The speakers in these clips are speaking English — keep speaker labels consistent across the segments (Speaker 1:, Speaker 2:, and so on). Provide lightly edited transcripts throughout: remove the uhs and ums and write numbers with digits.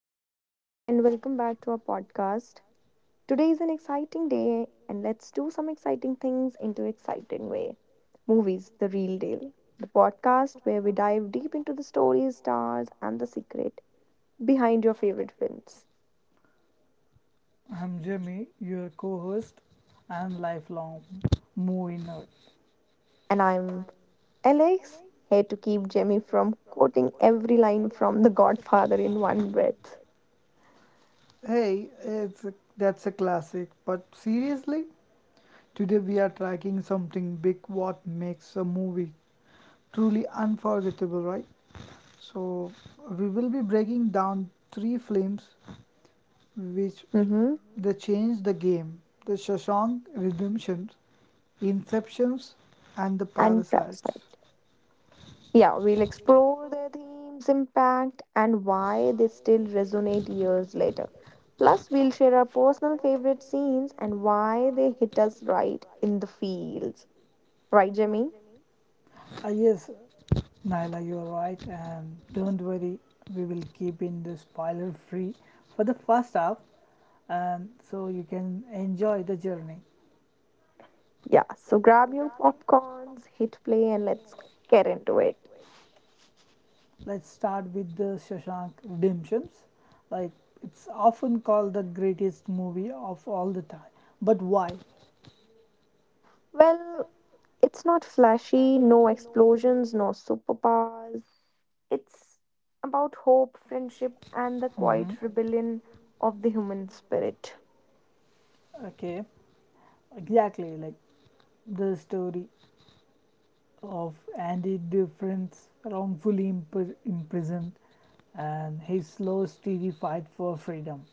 Speaker 1: Hey everyone, and welcome back to our podcast. Today is an exciting day, and let's do some exciting things into exciting way. Movies, the real deal, the podcast where we dive deep into the stories, stars, and the secret behind your favorite films.
Speaker 2: I'm Jimmy, your co host and lifelong movie nerd.
Speaker 1: And I'm Alex, here to keep Jamie from quoting every line from The Godfather in one breath.
Speaker 2: Hey, it's a, that's a classic, but seriously, today we are tracking something big. What makes a movie truly unforgettable, right? So, we will be breaking down three films which
Speaker 1: Mm-hmm.
Speaker 2: they changed the game: the Shawshank Redemption, Inceptions, and the
Speaker 1: And trust.
Speaker 2: Parasites.
Speaker 1: Yeah, we'll explore their themes, impact, and why they still resonate years later. Plus, we'll share our personal favorite scenes and why they hit us right in the feels. Right, Jimmy?
Speaker 2: Yes, Naila, you are right, and don't worry, we will keep in the spoiler free for the first half, and so you can enjoy the journey.
Speaker 1: Yeah, so grab your popcorns, hit play, and let's get into it.
Speaker 2: Let's start with the Shashank Redemptions. Like it's often called the greatest movie of all the time, but why?
Speaker 1: Well, it's not flashy, no explosions, no superpowers. It's about hope, friendship, and the quiet rebellion of the human spirit.
Speaker 2: Okay, exactly like the story of Andy Difference wrongfully imprisoned, and his slow, steady fight for freedom.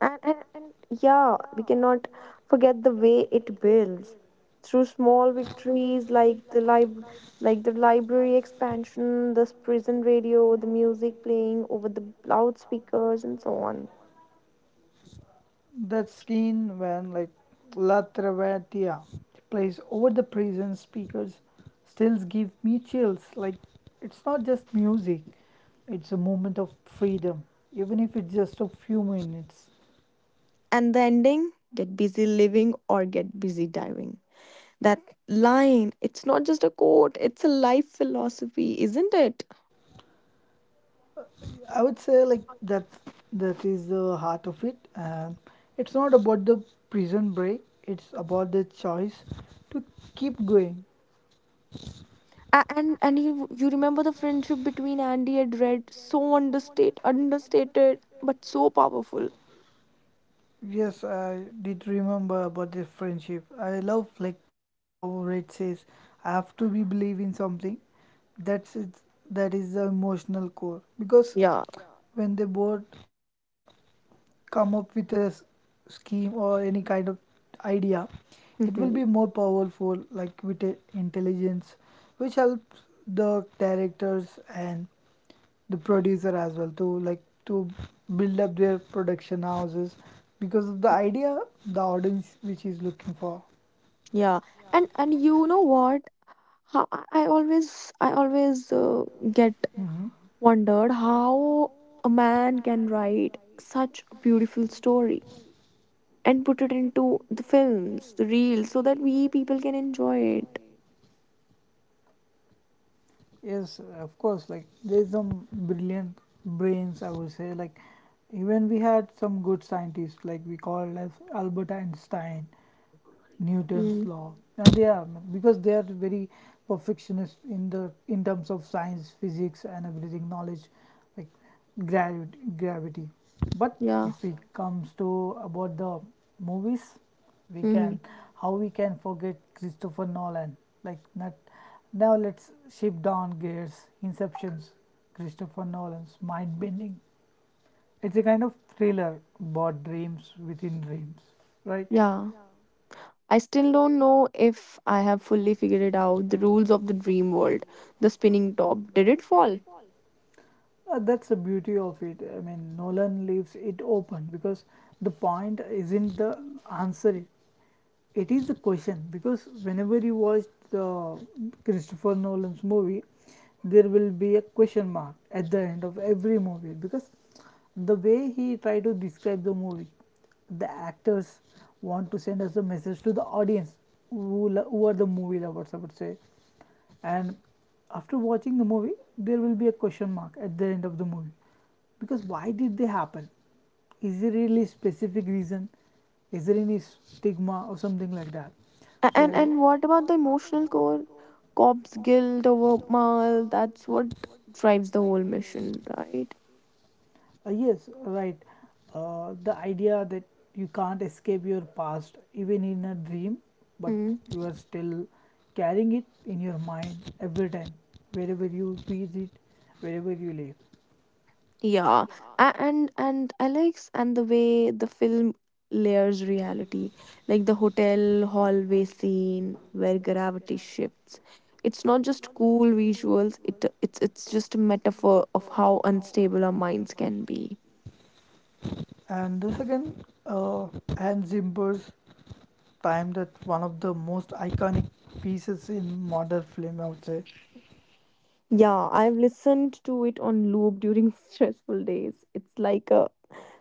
Speaker 1: And yeah, we cannot forget the way it builds through small victories like the lib like the library expansion, the prison radio, the music playing over the loudspeakers, and so on.
Speaker 2: That scene when La Travertia plays over the prison speakers still give me chills. Like it's not just music, it's a moment of freedom, even if it's just a few minutes.
Speaker 1: And the ending get busy living or get busy diving. That line, it's not just a quote, it's a life philosophy, isn't it?
Speaker 2: I would say that that is the heart of it, and it's not about the prison break, it's about the choice to keep going.
Speaker 1: And you remember the friendship between Andy and Red, so understated, but so powerful.
Speaker 2: Yes, I did remember about the friendship. I love like how Red says, "I have to be believe in something." That's it. That is the emotional core because
Speaker 1: Yeah.
Speaker 2: when they both come up with a scheme or any kind of idea, it will be
Speaker 1: hmm
Speaker 2: more powerful like with intelligence, which helps the directors and the producer as well to like to build up their production houses because of the idea the audience which is looking for.
Speaker 1: Yeah. And you know what? I always get
Speaker 2: Hmm.
Speaker 1: wondered how a man can write such a beautiful story and put it into the films, the reels, so that we people can enjoy it.
Speaker 2: Yes, of course. Like there's some brilliant brains, I would say. Like even we had some good scientists, like we called as Albert Einstein, Newton's
Speaker 1: Mm.
Speaker 2: law, and they are because they are very perfectionist in the in terms of science, physics, and everything knowledge, like gravity. Gravity, but
Speaker 1: Yeah.
Speaker 2: if it comes to about the movies, we can
Speaker 1: hmm
Speaker 2: how we can forget Christopher Nolan? Like not now. Let's shift down gears. Inceptions, Christopher Nolan's mind bending. It's a kind of thriller about dreams within dreams, right?
Speaker 1: Yeah. I still don't know if I have fully figured it out the rules of the dream world. The spinning top. Did it fall?
Speaker 2: That's the beauty of it. I mean, Nolan leaves it open because the point isn't the answer, it is the question. Because whenever you watch the Christopher Nolan's movie, there will be a question mark at the end of every movie because the way he tried to describe the movie, the actors want to send us a message to the audience who, who are the movie lovers, I would say, and after watching the movie there will be a question mark at the end of the movie because why did they happen, is there really specific reason, is there any stigma or something like that.
Speaker 1: A- And
Speaker 2: So
Speaker 1: and what about the emotional core? Cops guilt over mal, that's what drives the whole mission, right?
Speaker 2: yes, right. The idea that you can't escape your past even in a dream, but
Speaker 1: Mm.
Speaker 2: you are still carrying it in your mind every time, wherever you breathe it, wherever you live.
Speaker 1: Yeah. And Alex, and the way the film layers reality, like the hotel hallway scene where gravity shifts. It's not just cool visuals, it's just a metaphor of how unstable our minds can be.
Speaker 2: And the second, uh, Hans Zimmer's time, that one of the most iconic pieces in modern film, I would say.
Speaker 1: Yeah, I've listened to it on loop during stressful days. It's like a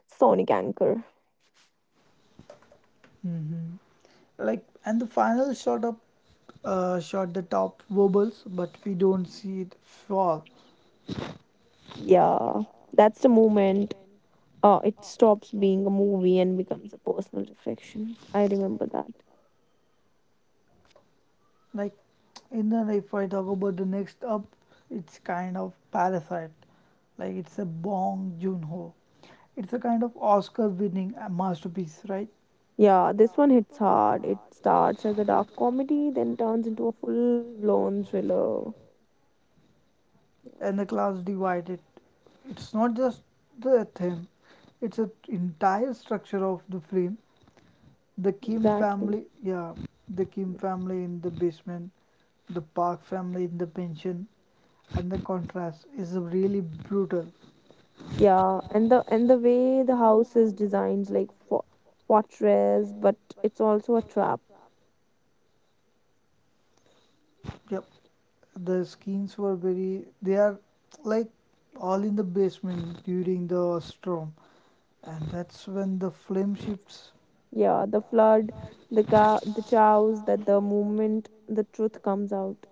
Speaker 1: sonic anchor.
Speaker 2: Hmm. Like, and the final shot the top wobbles, but we don't see it fall.
Speaker 1: Yeah, that's the moment it stops being a movie and becomes a personal reflection. I remember that.
Speaker 2: Like, in the if I talk about the next up, it's kind of Parasite. Like, it's a Bong Joon Ho. It's a kind of Oscar-winning masterpiece, right?
Speaker 1: Yeah, this one hits hard. It starts as a dark comedy, then turns into a full-blown thriller. Yeah,
Speaker 2: And the class divided. It's not just the theme, it's an entire structure of the film. The Kim
Speaker 1: exactly.
Speaker 2: family, yeah, the Kim family in the basement, the Park family in the pension, and the contrast is really brutal.
Speaker 1: Yeah, and the way the house is designed, like for fortress, but it's also a trap.
Speaker 2: Yep, the Skins were very, they are like all in the basement during the storm, and that's when the flame shifts.
Speaker 1: Yeah, the flood, the cow, the chows, that the moment the truth comes out.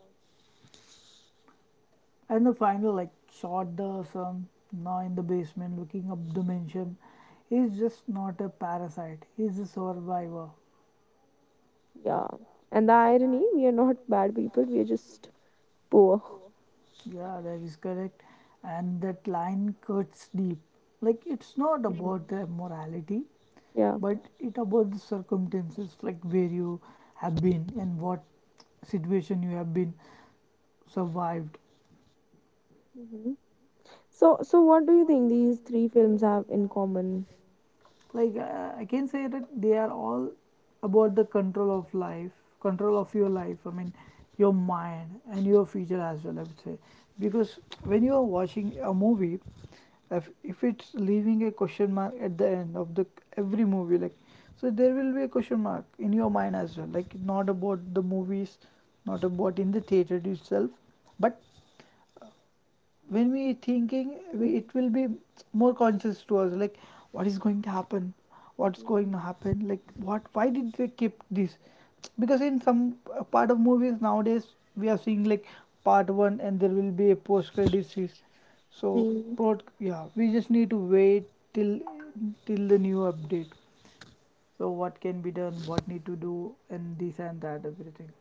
Speaker 2: And the final, like, shot the son now in the basement looking up the mansion. He's just not a parasite, he's a survivor.
Speaker 1: Yeah. And the irony, we are not bad people, we are just poor.
Speaker 2: Yeah, that is correct. And that line cuts deep. Like, it's not about
Speaker 1: Mhm.
Speaker 2: the morality,
Speaker 1: Yeah.
Speaker 2: but it about the circumstances, like where you have been and what situation you have been survived.
Speaker 1: hmm So, what do you think these three films have in common?
Speaker 2: I can say that they are all about the control of life, control of your life, I mean your mind and your future as well, I would say, because when you are watching a movie, if it's leaving a question mark at the end of the every movie, like so there will be a question mark in your mind as well, like not about the movies, not about in the theater itself, but when we thinking, it
Speaker 1: Mm-hmm.
Speaker 2: will be more conscious to us, like what is going to happen, what's going to happen, like what why did they keep this, because in some part of movies nowadays, we are seeing like part one and there will be a post credit scene. So
Speaker 1: hmm
Speaker 2: yeah, we just need to wait till till the new update, so what can be done, what need to do, and this and that, everything.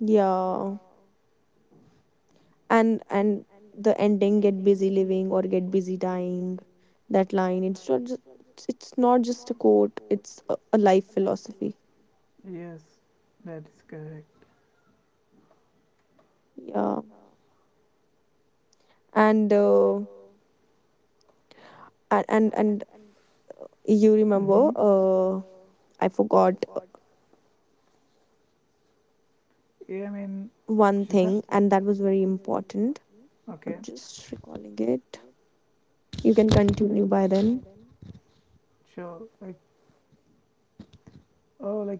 Speaker 1: Yeah, and the ending get busy living or get busy dying. That line, it's not just a quote, it's a life philosophy.
Speaker 2: Yes, that is correct.
Speaker 1: Yeah. And and you
Speaker 2: Hmm.
Speaker 1: remember I forgot
Speaker 2: Yeah, I mean,
Speaker 1: one
Speaker 2: Shashank.
Speaker 1: thing, and that was very important.
Speaker 2: Okay,
Speaker 1: I'm just recalling it. You can continue by then.
Speaker 2: sure. Like, oh, like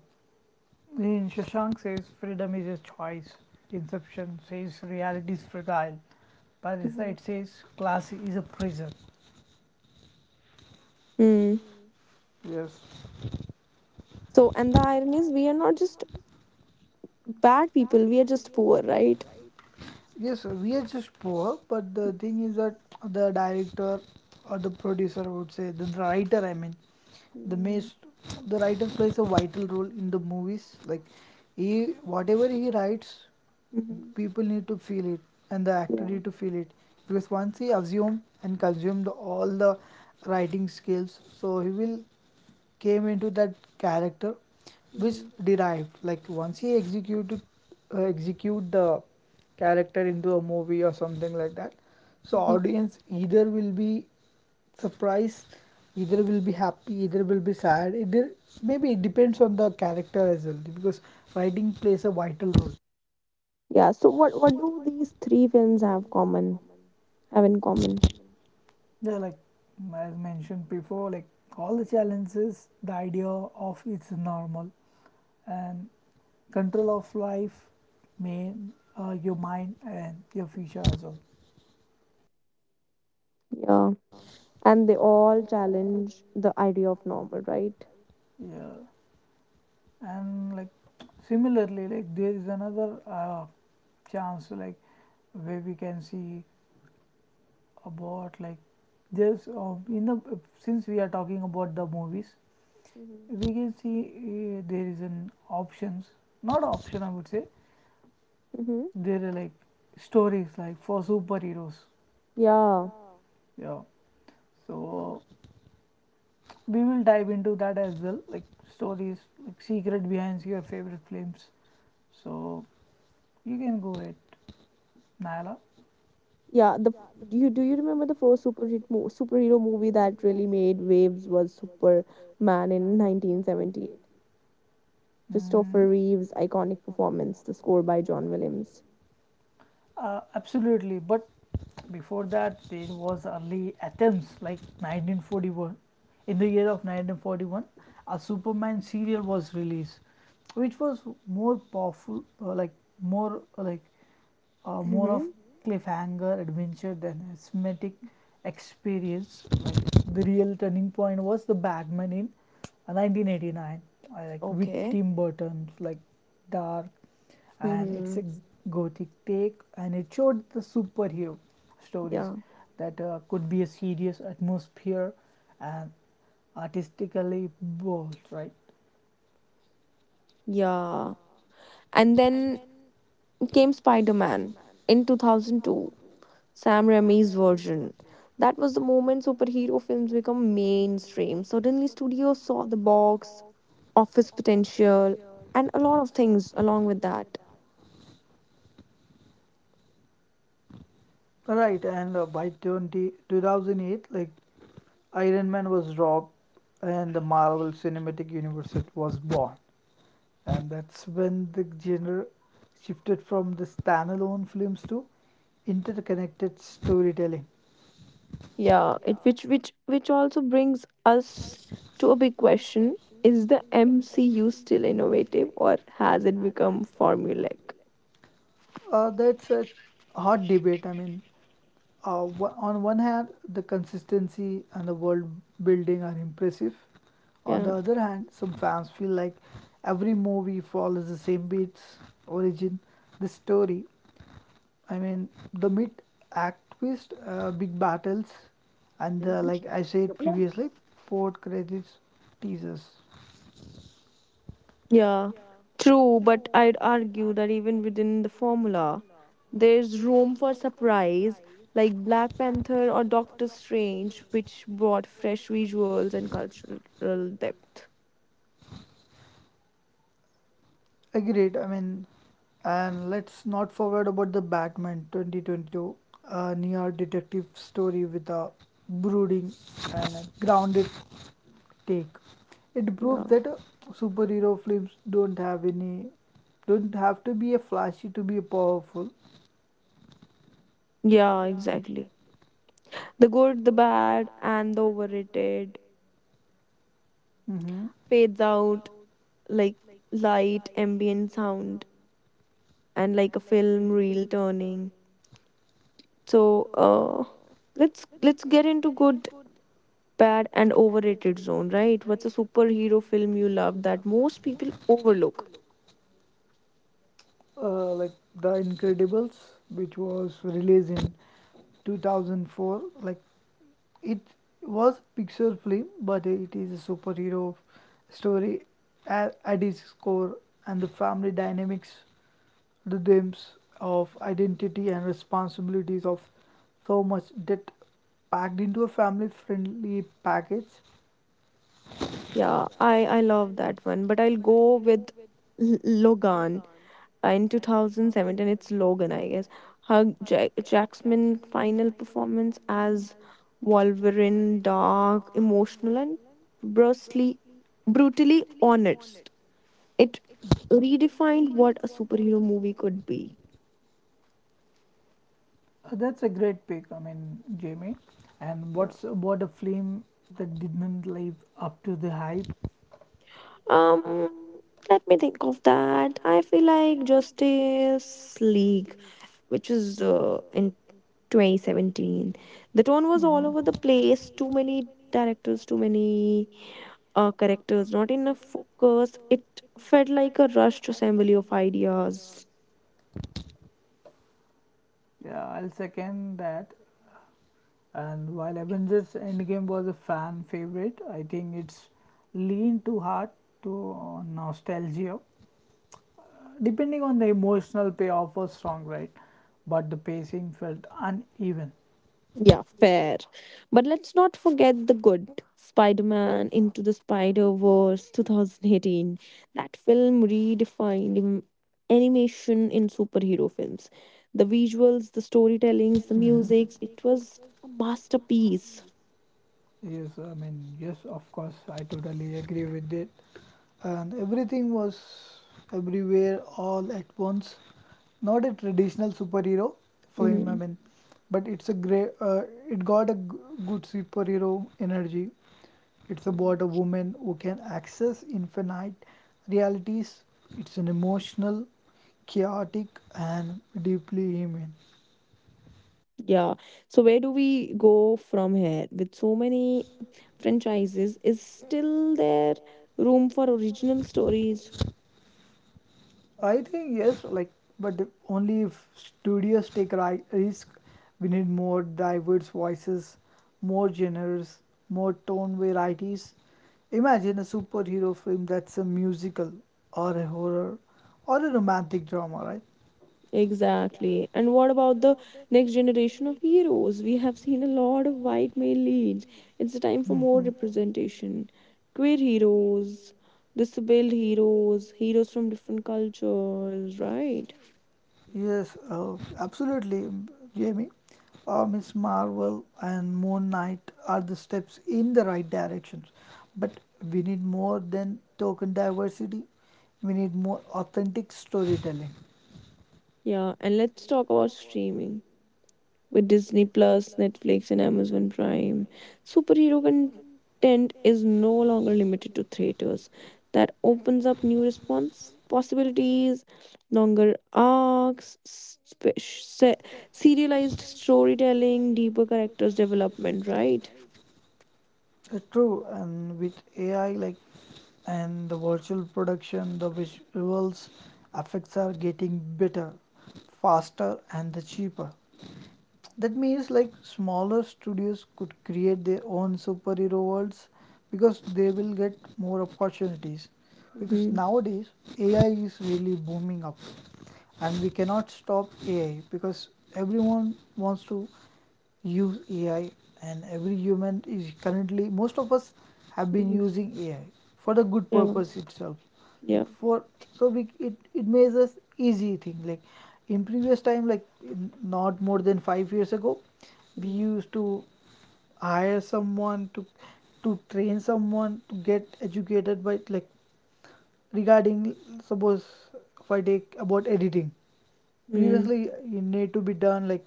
Speaker 2: in Shashank says, freedom is a choice. Inception says reality is fragile.
Speaker 1: Mhm.
Speaker 2: Parasite says class is a prison.
Speaker 1: Hmm.
Speaker 2: Yes.
Speaker 1: So, and the irony is we are not just bad people, we are just poor, right?
Speaker 2: Yes, we are just poor, but the thing is that the director or the producer, I would say, the writer, I mean, the
Speaker 1: Mm-hmm.
Speaker 2: most, the writer plays a vital role in the movies. Like, he whatever he writes,
Speaker 1: Mm-hmm.
Speaker 2: people need to feel it, and the actor
Speaker 1: Yeah.
Speaker 2: need to feel it, because once he assume and consume the, all the writing skills, so he will came into that character which
Speaker 1: Mm-hmm.
Speaker 2: derived like once he executed execute the character into a movie or something like that, so
Speaker 1: Mm-hmm.
Speaker 2: audience either will be surprised, either will be happy, either will be sad, either maybe it depends on the character as well, because writing plays a vital role.
Speaker 1: Yeah, so what do these three films have in common?
Speaker 2: Yeah, like as mentioned before, like all the challenges the idea of it's normal, and control of life, may your mind and your future as well.
Speaker 1: Yeah, and they all challenge the idea of normal, right?
Speaker 2: Yeah, and like similarly, like there is another chance like where we can see about like there's in the since we are talking about the movies,
Speaker 1: Mm-hmm.
Speaker 2: we can see there is an options, not option I would say,
Speaker 1: Mm-hmm.
Speaker 2: there are like stories like for superheroes.
Speaker 1: Yeah,
Speaker 2: Yeah, so we will dive into that as well, like stories like secret behind your favorite films. So you can go ahead, Nyla.
Speaker 1: yeah. Do you remember the first superhero movie that really made waves was Superman in 1978?
Speaker 2: Mm.
Speaker 1: Christopher Reeve's iconic performance, the score by John Williams.
Speaker 2: Absolutely, but before that there was early attempts like 1941. In the year of 1941, a superman serial was released, which was more powerful, uh, like more uh, like more of
Speaker 1: Mm-hmm.
Speaker 2: cliffhanger adventure than a cinematic experience. Like, the real turning point was the Batman in 1989, like with
Speaker 1: Okay.
Speaker 2: Tim Burton's like dark, and it's
Speaker 1: hmm
Speaker 2: a gothic take, and it showed the superhero stories
Speaker 1: Yeah.
Speaker 2: that could be a serious atmosphere and artistically bold, right?
Speaker 1: Yeah. And then came Spider Man in 2002, Sam Raimi's version. That was the moment superhero films become mainstream. Suddenly, studios saw the box office potential and a lot of things along with that.
Speaker 2: Right, and by 2008, like Iron Man was dropped and the Marvel Cinematic Universe it was born. And that's when the genre shifted from the standalone films to interconnected storytelling.
Speaker 1: Yeah, it which also brings us to a big question. Is the MCU still innovative or has it become formulaic?
Speaker 2: That's a hot debate. I mean, on one hand, the consistency and the world building are impressive. On
Speaker 1: Yeah.
Speaker 2: the other hand, some fans feel like every movie follows the same beats, origin, the story, I mean, the mid activist big battles and the, like I said previously, port credits teasers.
Speaker 1: Yeah. True, but I'd argue that even within the formula, there's room for surprise, like Black Panther or Doctor Strange, which brought fresh visuals and cultural depth.
Speaker 2: Agreed. I mean, and let's not forget about the Batman 2022, a near detective story with a brooding and a grounded take. It
Speaker 1: Yeah.
Speaker 2: proves that superhero films don't have any, don't have to be a flashy to be powerful.
Speaker 1: Yeah, exactly. The good, the bad, and the overrated
Speaker 2: Hmm.
Speaker 1: fades out, like light ambient sound and like a film reel turning. So let's get into good, bad and overrated zone, right? What's a superhero film you love that most people overlook?
Speaker 2: Like The Incredibles, which was released in 2004. Like it was a Pixar film, but it is a superhero story at its core, and the family dynamics, the themes of identity and responsibilities of so much that packed into a family-friendly package.
Speaker 1: Yeah, I love that one, but I'll go with L- logan. In 2017, it's Logan, I guess. Jackman's final performance as Wolverine, dark, emotional, and brusquely, brutally honest. It redefined what a superhero movie could be.
Speaker 2: That's a great pick. I mean, Jamie. And
Speaker 1: Yeah.
Speaker 2: what's about a film that didn't live up to the hype?
Speaker 1: Um, Let me think of that. I feel like Justice League, which is in 2017. The tone was all
Speaker 2: Mhm.
Speaker 1: over the place. Too many directors, too many characters, not enough focus. It felt like a rushed assembly of ideas.
Speaker 2: Yeah, I'll second that. And while Avengers Endgame was a fan favorite, I think it's leaned too hard to nostalgia, depending on the emotional payoff was strong, right? But the pacing felt uneven.
Speaker 1: Yeah, fair. But let's not forget the good Spider Man Into the Spider Verse 2018. That film redefined animation in superhero films. The visuals, the storytellings, the
Speaker 2: Mhm.
Speaker 1: music, it was a masterpiece.
Speaker 2: Yes, I mean, yes, of course, I totally agree with it. And everything was everywhere all at once. Not a traditional superhero film, I
Speaker 1: Mm-hmm.
Speaker 2: mean, but it's a great. It got a good superhero energy. It's about a woman who can access infinite realities. It's an emotional, chaotic, and deeply human.
Speaker 1: Yeah. So where do we go from here? With so many franchises, is still there room for original stories?
Speaker 2: I think yes, like but only if studios take risk. We need more diverse voices, more genres, more tone varieties. Imagine a superhero film that's a musical or a horror or a romantic drama, right?
Speaker 1: Exactly. And what about the next generation of heroes? We have seen a lot of white male leads. It's the time for more
Speaker 2: Hmm.
Speaker 1: representation. Queer heroes, disabled heroes, heroes from different cultures, right?
Speaker 2: Yes, absolutely, Jamie. Miss Marvel and Moon Knight are the steps in the right directions, but we need more than token diversity. We need more authentic storytelling.
Speaker 1: Yeah, and let's talk about streaming, with Disney Plus, Netflix, and Amazon Prime. Superhero content is no longer limited to theaters. That opens up new response possibilities, longer arcs, serialized storytelling, deeper characters development. Right?
Speaker 2: True, and with AI and the virtual production, the visuals effects are getting better, faster, and the cheaper. That means, like, smaller studios could create their own superhero worlds because they will get more opportunities because
Speaker 1: Mm-hmm.
Speaker 2: nowadays ai is really booming up, and we cannot stop ai because everyone wants to use AI, and every human is currently, most of us have been
Speaker 1: Mm-hmm.
Speaker 2: using AI for the good
Speaker 1: Yeah.
Speaker 2: purpose itself. Like,
Speaker 1: Yeah.
Speaker 2: for so we it it makes us easy thing. Like in previous time, like not more than 5 years ago, we
Speaker 1: Mm-hmm.
Speaker 2: used to hire someone to train someone to get educated by, like, regarding, suppose, if I take about editing,
Speaker 1: Mm-hmm.
Speaker 2: previously you need to be done, like,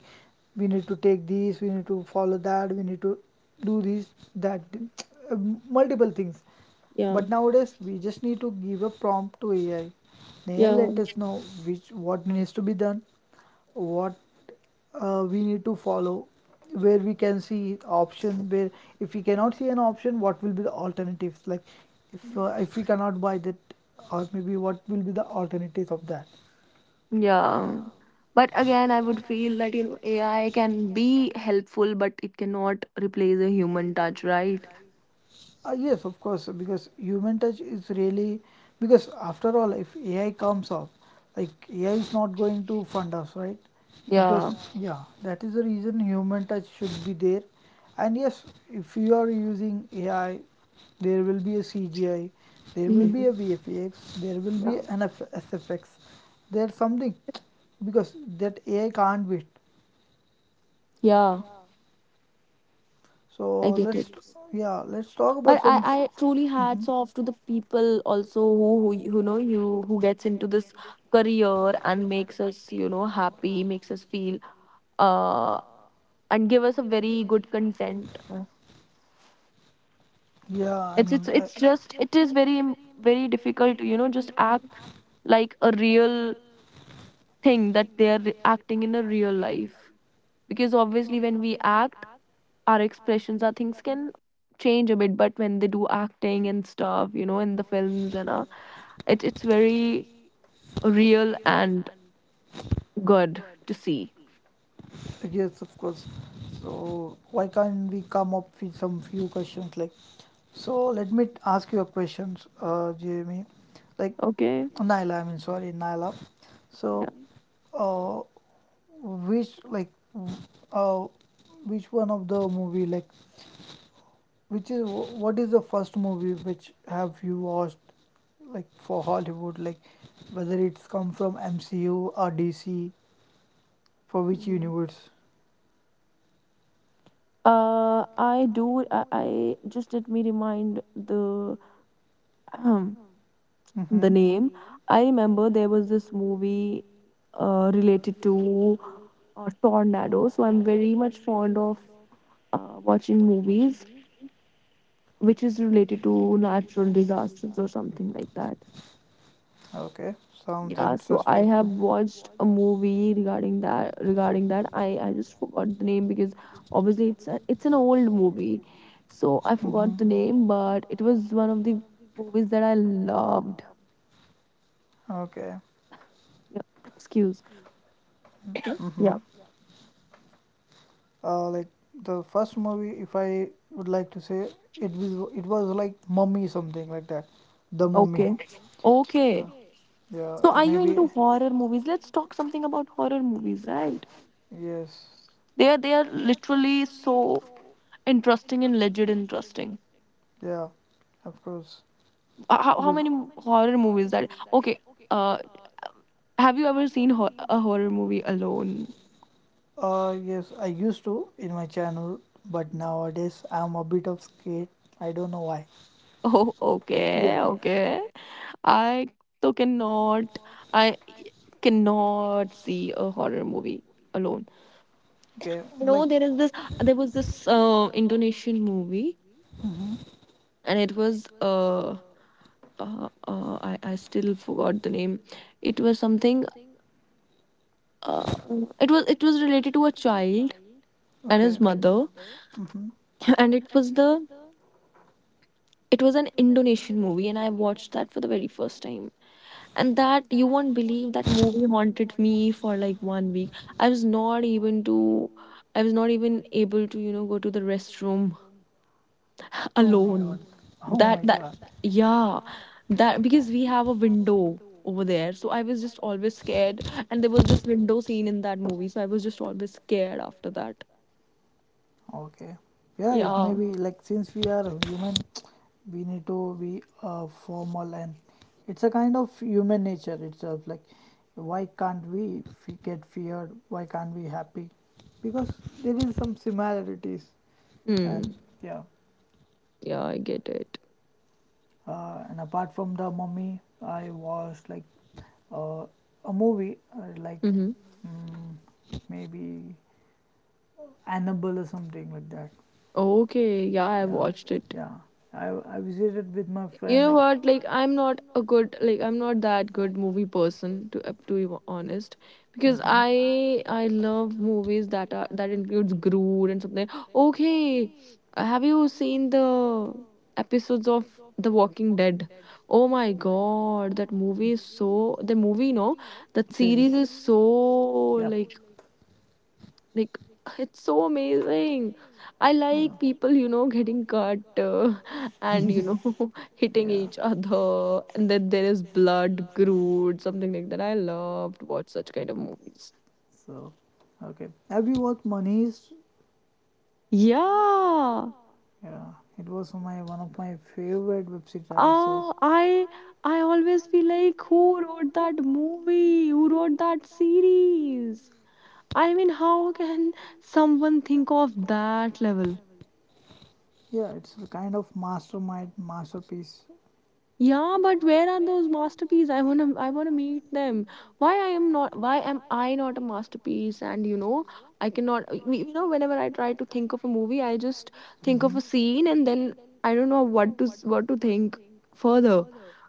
Speaker 2: we need to take these, we need to follow that, we need to do these, that, uh, multiple things.
Speaker 1: Yeah.
Speaker 2: But nowadays we just need to give a prompt to ai. Ai
Speaker 1: Yeah.
Speaker 2: let us know which what needs to be done, what we need to follow, where we can see option, where if we cannot see an option what will be the alternatives, like if we cannot buy that, or maybe what will be the alternatives of that.
Speaker 1: Yeah. But again, I would feel that, you know, AI can be helpful, but it cannot replace a human touch, right?
Speaker 2: Yes, of course, because human touch is really, because after all, if AI comes up, like, AI is not going to fund us, right? Because,
Speaker 1: Yeah.
Speaker 2: yeah, that is the reason human touch should be there. And yes, if you are using AI, there will be a CGI, there will be a
Speaker 1: Mhm.
Speaker 2: VFX, there will
Speaker 1: Yeah.
Speaker 2: be an SFX, there's something because that AI can't wait.
Speaker 1: Yeah. I
Speaker 2: So
Speaker 1: get it.
Speaker 2: let's Yeah, let's talk
Speaker 1: But
Speaker 2: about some.
Speaker 1: I truly
Speaker 2: Mhm.
Speaker 1: hats off to the people also who you know you who gets into this career and makes us you know happy, makes us feel uh and give us a very good content.
Speaker 2: Yeah, I
Speaker 1: It's
Speaker 2: mean,
Speaker 1: it's it's just it is very
Speaker 2: I,
Speaker 1: difficult to you know just act like a real, think that they are acting in a real life, because obviously when we act, our expressions, our things can change a bit, but when they do acting and stuff you know in the films, and it, it's very real and good to see.
Speaker 2: yes, of course. So why can't we come up with some few questions, like? So let me ask you a question, Jamie, like,
Speaker 1: Okay.
Speaker 2: Naila. I mean, sorry, Naila. So,
Speaker 1: Yeah.
Speaker 2: uh, which, like, uh, which one of the movie, like, which is, what is the first movie which have you watched, like, for Hollywood, like, whether it's come from MCU or DC, for which
Speaker 1: Mhm.
Speaker 2: universe?
Speaker 1: I just let me remind the um, the
Speaker 2: Mm-hmm.
Speaker 1: name. I remember there was this movie related to tornado. So I'm very much fond of watching movies which is related to natural disasters or something like that.
Speaker 2: Okay,
Speaker 1: Yeah.
Speaker 2: sounds
Speaker 1: Yeah, so I
Speaker 2: interesting.
Speaker 1: have watched a movie regarding that. Regarding that, I just forgot the name because obviously it's an old movie, so I
Speaker 2: Mm-hmm.
Speaker 1: forgot the name. But it was one of the movies that I loved.
Speaker 2: Okay.
Speaker 1: Yeah, excuse. Yeah.
Speaker 2: Mm-hmm. Like, the first movie, if I would like to say, it was like Mummy something like that, the Mummy.
Speaker 1: Okay.
Speaker 2: Yeah,
Speaker 1: Okay. So
Speaker 2: yeah.
Speaker 1: are you
Speaker 2: Maybe
Speaker 1: into horror movies? Let's talk something about horror movies, right?
Speaker 2: yes,
Speaker 1: They are literally so interesting and legit interesting.
Speaker 2: yeah. Of course,
Speaker 1: How
Speaker 2: because
Speaker 1: many horror movies that okay uh have you ever seen a horror movie alone?
Speaker 2: yes, I used to in my channel, but nowadays I'm a bit of scared. I don't know why.
Speaker 1: Oh,
Speaker 2: Yeah.
Speaker 1: okay, okay. I so cannot, I cannot see a horror movie alone.
Speaker 2: Okay.
Speaker 1: You
Speaker 2: Like.
Speaker 1: know, there is this, there was this indonesian movie,
Speaker 2: Mm-hmm.
Speaker 1: and it was I still forgot the name. It was something uh, it was, it was related to a child and
Speaker 2: Okay.
Speaker 1: his mother.
Speaker 2: Mm-hmm.
Speaker 1: And it was the, it was an Indonesian movie, and I watched that for the very first time. And that, you won't believe, that movie haunted me for like 1 week. I was not even to, I was not even able to you know go to the restroom
Speaker 2: Oh my god.
Speaker 1: alone.
Speaker 2: Oh
Speaker 1: That
Speaker 2: my
Speaker 1: that
Speaker 2: god.
Speaker 1: yeah, that because we have a window over there, so I was just always scared. And there was this window scene in that movie, so I was just always scared after that.
Speaker 2: Okay. Yeah, it may
Speaker 1: Yeah.
Speaker 2: be like since we are human, we need to be formal, and it's a kind of human nature itself. Like, why can't we get feared? Why can't we happy? Because there is some similarities and
Speaker 1: Hmm.
Speaker 2: yeah.
Speaker 1: Yeah, I get it.
Speaker 2: And apart from the mummy, I was like uh, a movie like,
Speaker 1: Mm-hmm.
Speaker 2: maybe Annabelle or something like that.
Speaker 1: Okay. Yeah, I
Speaker 2: Yeah,
Speaker 1: watched it.
Speaker 2: yeah. I visited with my
Speaker 1: You
Speaker 2: friend
Speaker 1: know
Speaker 2: like
Speaker 1: what? Like, I'm not a good, like, I'm not that good movie person to up to be honest, because
Speaker 2: mm-hmm.
Speaker 1: I love movies that are that includes Groot and something. Okay, have you seen the episodes of The Walking Dead? Oh my God, that movie is so. The movie, no, that
Speaker 2: Series.
Speaker 1: series is so,
Speaker 2: Yep.
Speaker 1: like like, it's so amazing. I
Speaker 2: Yeah.
Speaker 1: like people, you know, getting cut and you know hitting
Speaker 2: Yeah.
Speaker 1: each other, and then there is blood, grude, something like that. I love to watch such kind of movies.
Speaker 2: So, okay. Have you watched Manish?
Speaker 1: Yeah.
Speaker 2: Yeah, it was my one of my favorite web series, I would say.
Speaker 1: Uh, I I always feel like who wrote that movie? Who wrote that series? I mean, how can someone think of that level?
Speaker 2: Yeah, it's a kind of mastermind masterpiece.
Speaker 1: Yeah, but where are those masterpieces? I wanna meet them. Why am I not a masterpiece? And you know, I cannot y- you know, whenever I try to think of a movie, I just think of a
Speaker 2: Hmm.
Speaker 1: scene, and then I don't know what to think further.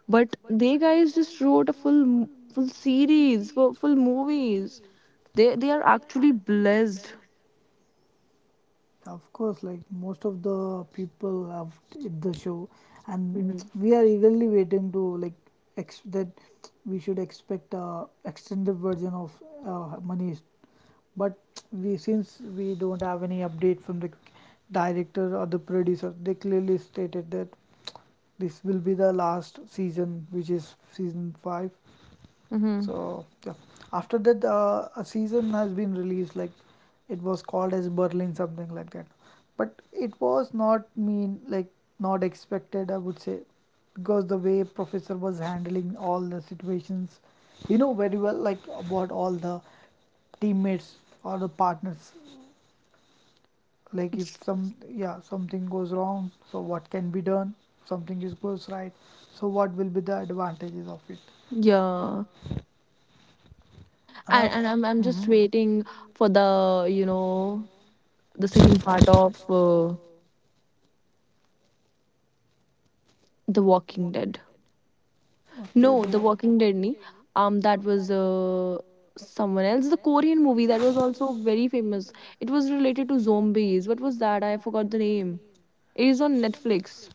Speaker 1: But they guys just wrote a full series, full movies. They are actually blessed.
Speaker 2: Of course, like most of the people have did the show, and
Speaker 1: Mhm.
Speaker 2: we are eagerly waiting to, like, ex- that we should expect a extended version of Manish. But we since we don't have any update from the director or the producer, they clearly stated that this will be the last season, which is season five.
Speaker 1: Mhm.
Speaker 2: So yeah, after that a season has been released, like it was called as Berlin something like that, but it was not mean like not expected, I would say, because the way professor was handling all the situations, you know very well, like about all the teammates or the partners, like if some yeah something goes wrong so what can be done, something is goes right so what will be the advantages of it,
Speaker 1: Yeah.
Speaker 2: and
Speaker 1: And
Speaker 2: i've.
Speaker 1: and I'm just
Speaker 2: Mhm.
Speaker 1: waiting for the, you know, the second part of The Walking Dead.
Speaker 2: Okay,
Speaker 1: No,
Speaker 2: the
Speaker 1: The Walking Dead. Nahi. That was someone else. The Korean movie that was also very famous. It was related to zombies. What was that? I forgot the name. It is on Netflix.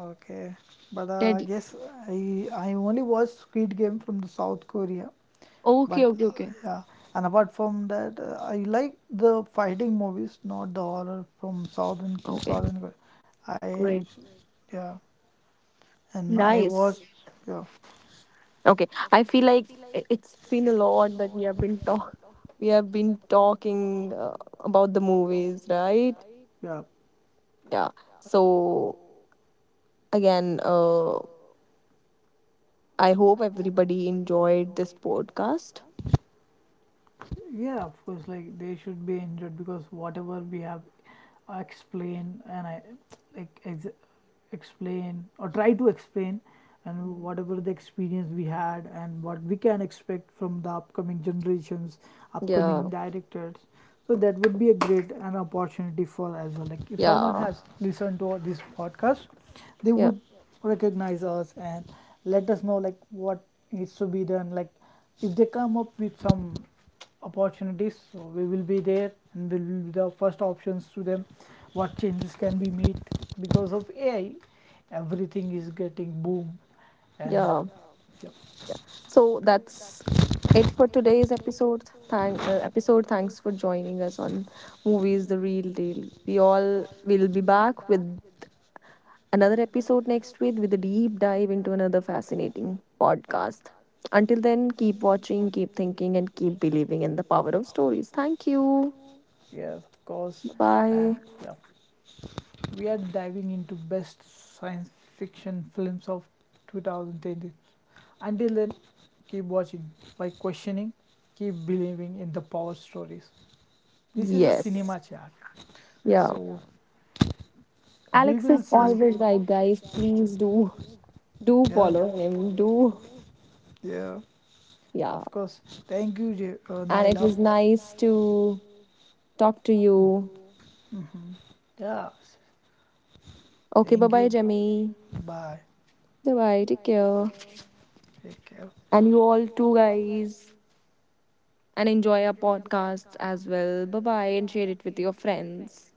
Speaker 2: okay, but I
Speaker 1: Dead.
Speaker 2: guess I I only watch Squid Game from the South Korea, but
Speaker 1: Okay, okay, okay,
Speaker 2: yeah, and apart from that, I like the fighting movies, not the horror from
Speaker 1: okay.
Speaker 2: Southern Korea. I
Speaker 1: Great.
Speaker 2: Yeah, and I watch
Speaker 1: Nice.
Speaker 2: yeah
Speaker 1: Okay, I feel like I- it's been a lot that we have been talk we have been talking about the movies, right?
Speaker 2: yeah
Speaker 1: Yeah. So again, I hope everybody enjoyed this podcast.
Speaker 2: yeah of course like they should be injured because whatever we have explained and i, like, explain or try to explain, and
Speaker 1: Mhm.
Speaker 2: whatever the experience we had and what we can expect from the upcoming generations, upcoming
Speaker 1: Yeah,
Speaker 2: directors, so that would be a great an opportunity for as well, like if someone
Speaker 1: yeah,
Speaker 2: has listened to this podcast they
Speaker 1: yeah,
Speaker 2: would recognize us and let us know like what needs to be done, like if they come up with some opportunities. So we will be there and we will be the first options to them. What changes can be made because of AI? Everything is getting boom and
Speaker 1: yeah.
Speaker 2: yep,
Speaker 1: So that's it for today's episode. Thank episode. Thanks for joining us on Movies the Real Deal. We all will be back with another episode next week with a deep dive into another fascinating podcast. Until then, keep watching, keep thinking, and keep believing in the power of stories. Thank you.
Speaker 2: yeah, of course.
Speaker 1: Bye.
Speaker 2: And yeah, we are diving into best science fiction films of 2010. Until then, keep watching, by questioning, keep believing in the power stories. This is a
Speaker 1: Yes.
Speaker 2: cinema chat.
Speaker 1: Yeah.
Speaker 2: So we
Speaker 1: Alex
Speaker 2: will
Speaker 1: is
Speaker 2: see you.
Speaker 1: always right, guys. Please do do
Speaker 2: Yeah.
Speaker 1: follow him. Do
Speaker 2: Yeah,
Speaker 1: yeah.
Speaker 2: of course. Thank you,
Speaker 1: And it
Speaker 2: Naila.
Speaker 1: was nice to talk to you.
Speaker 2: Hmm. Yeah,
Speaker 1: Okay, bye
Speaker 2: thank
Speaker 1: bye,
Speaker 2: you.
Speaker 1: Jemmy.
Speaker 2: Bye.
Speaker 1: Bye bye. Take care.
Speaker 2: Take care.
Speaker 1: And you all too, guys. And enjoy our podcasts as well. Bye bye, and share it with your friends.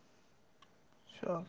Speaker 2: Sure.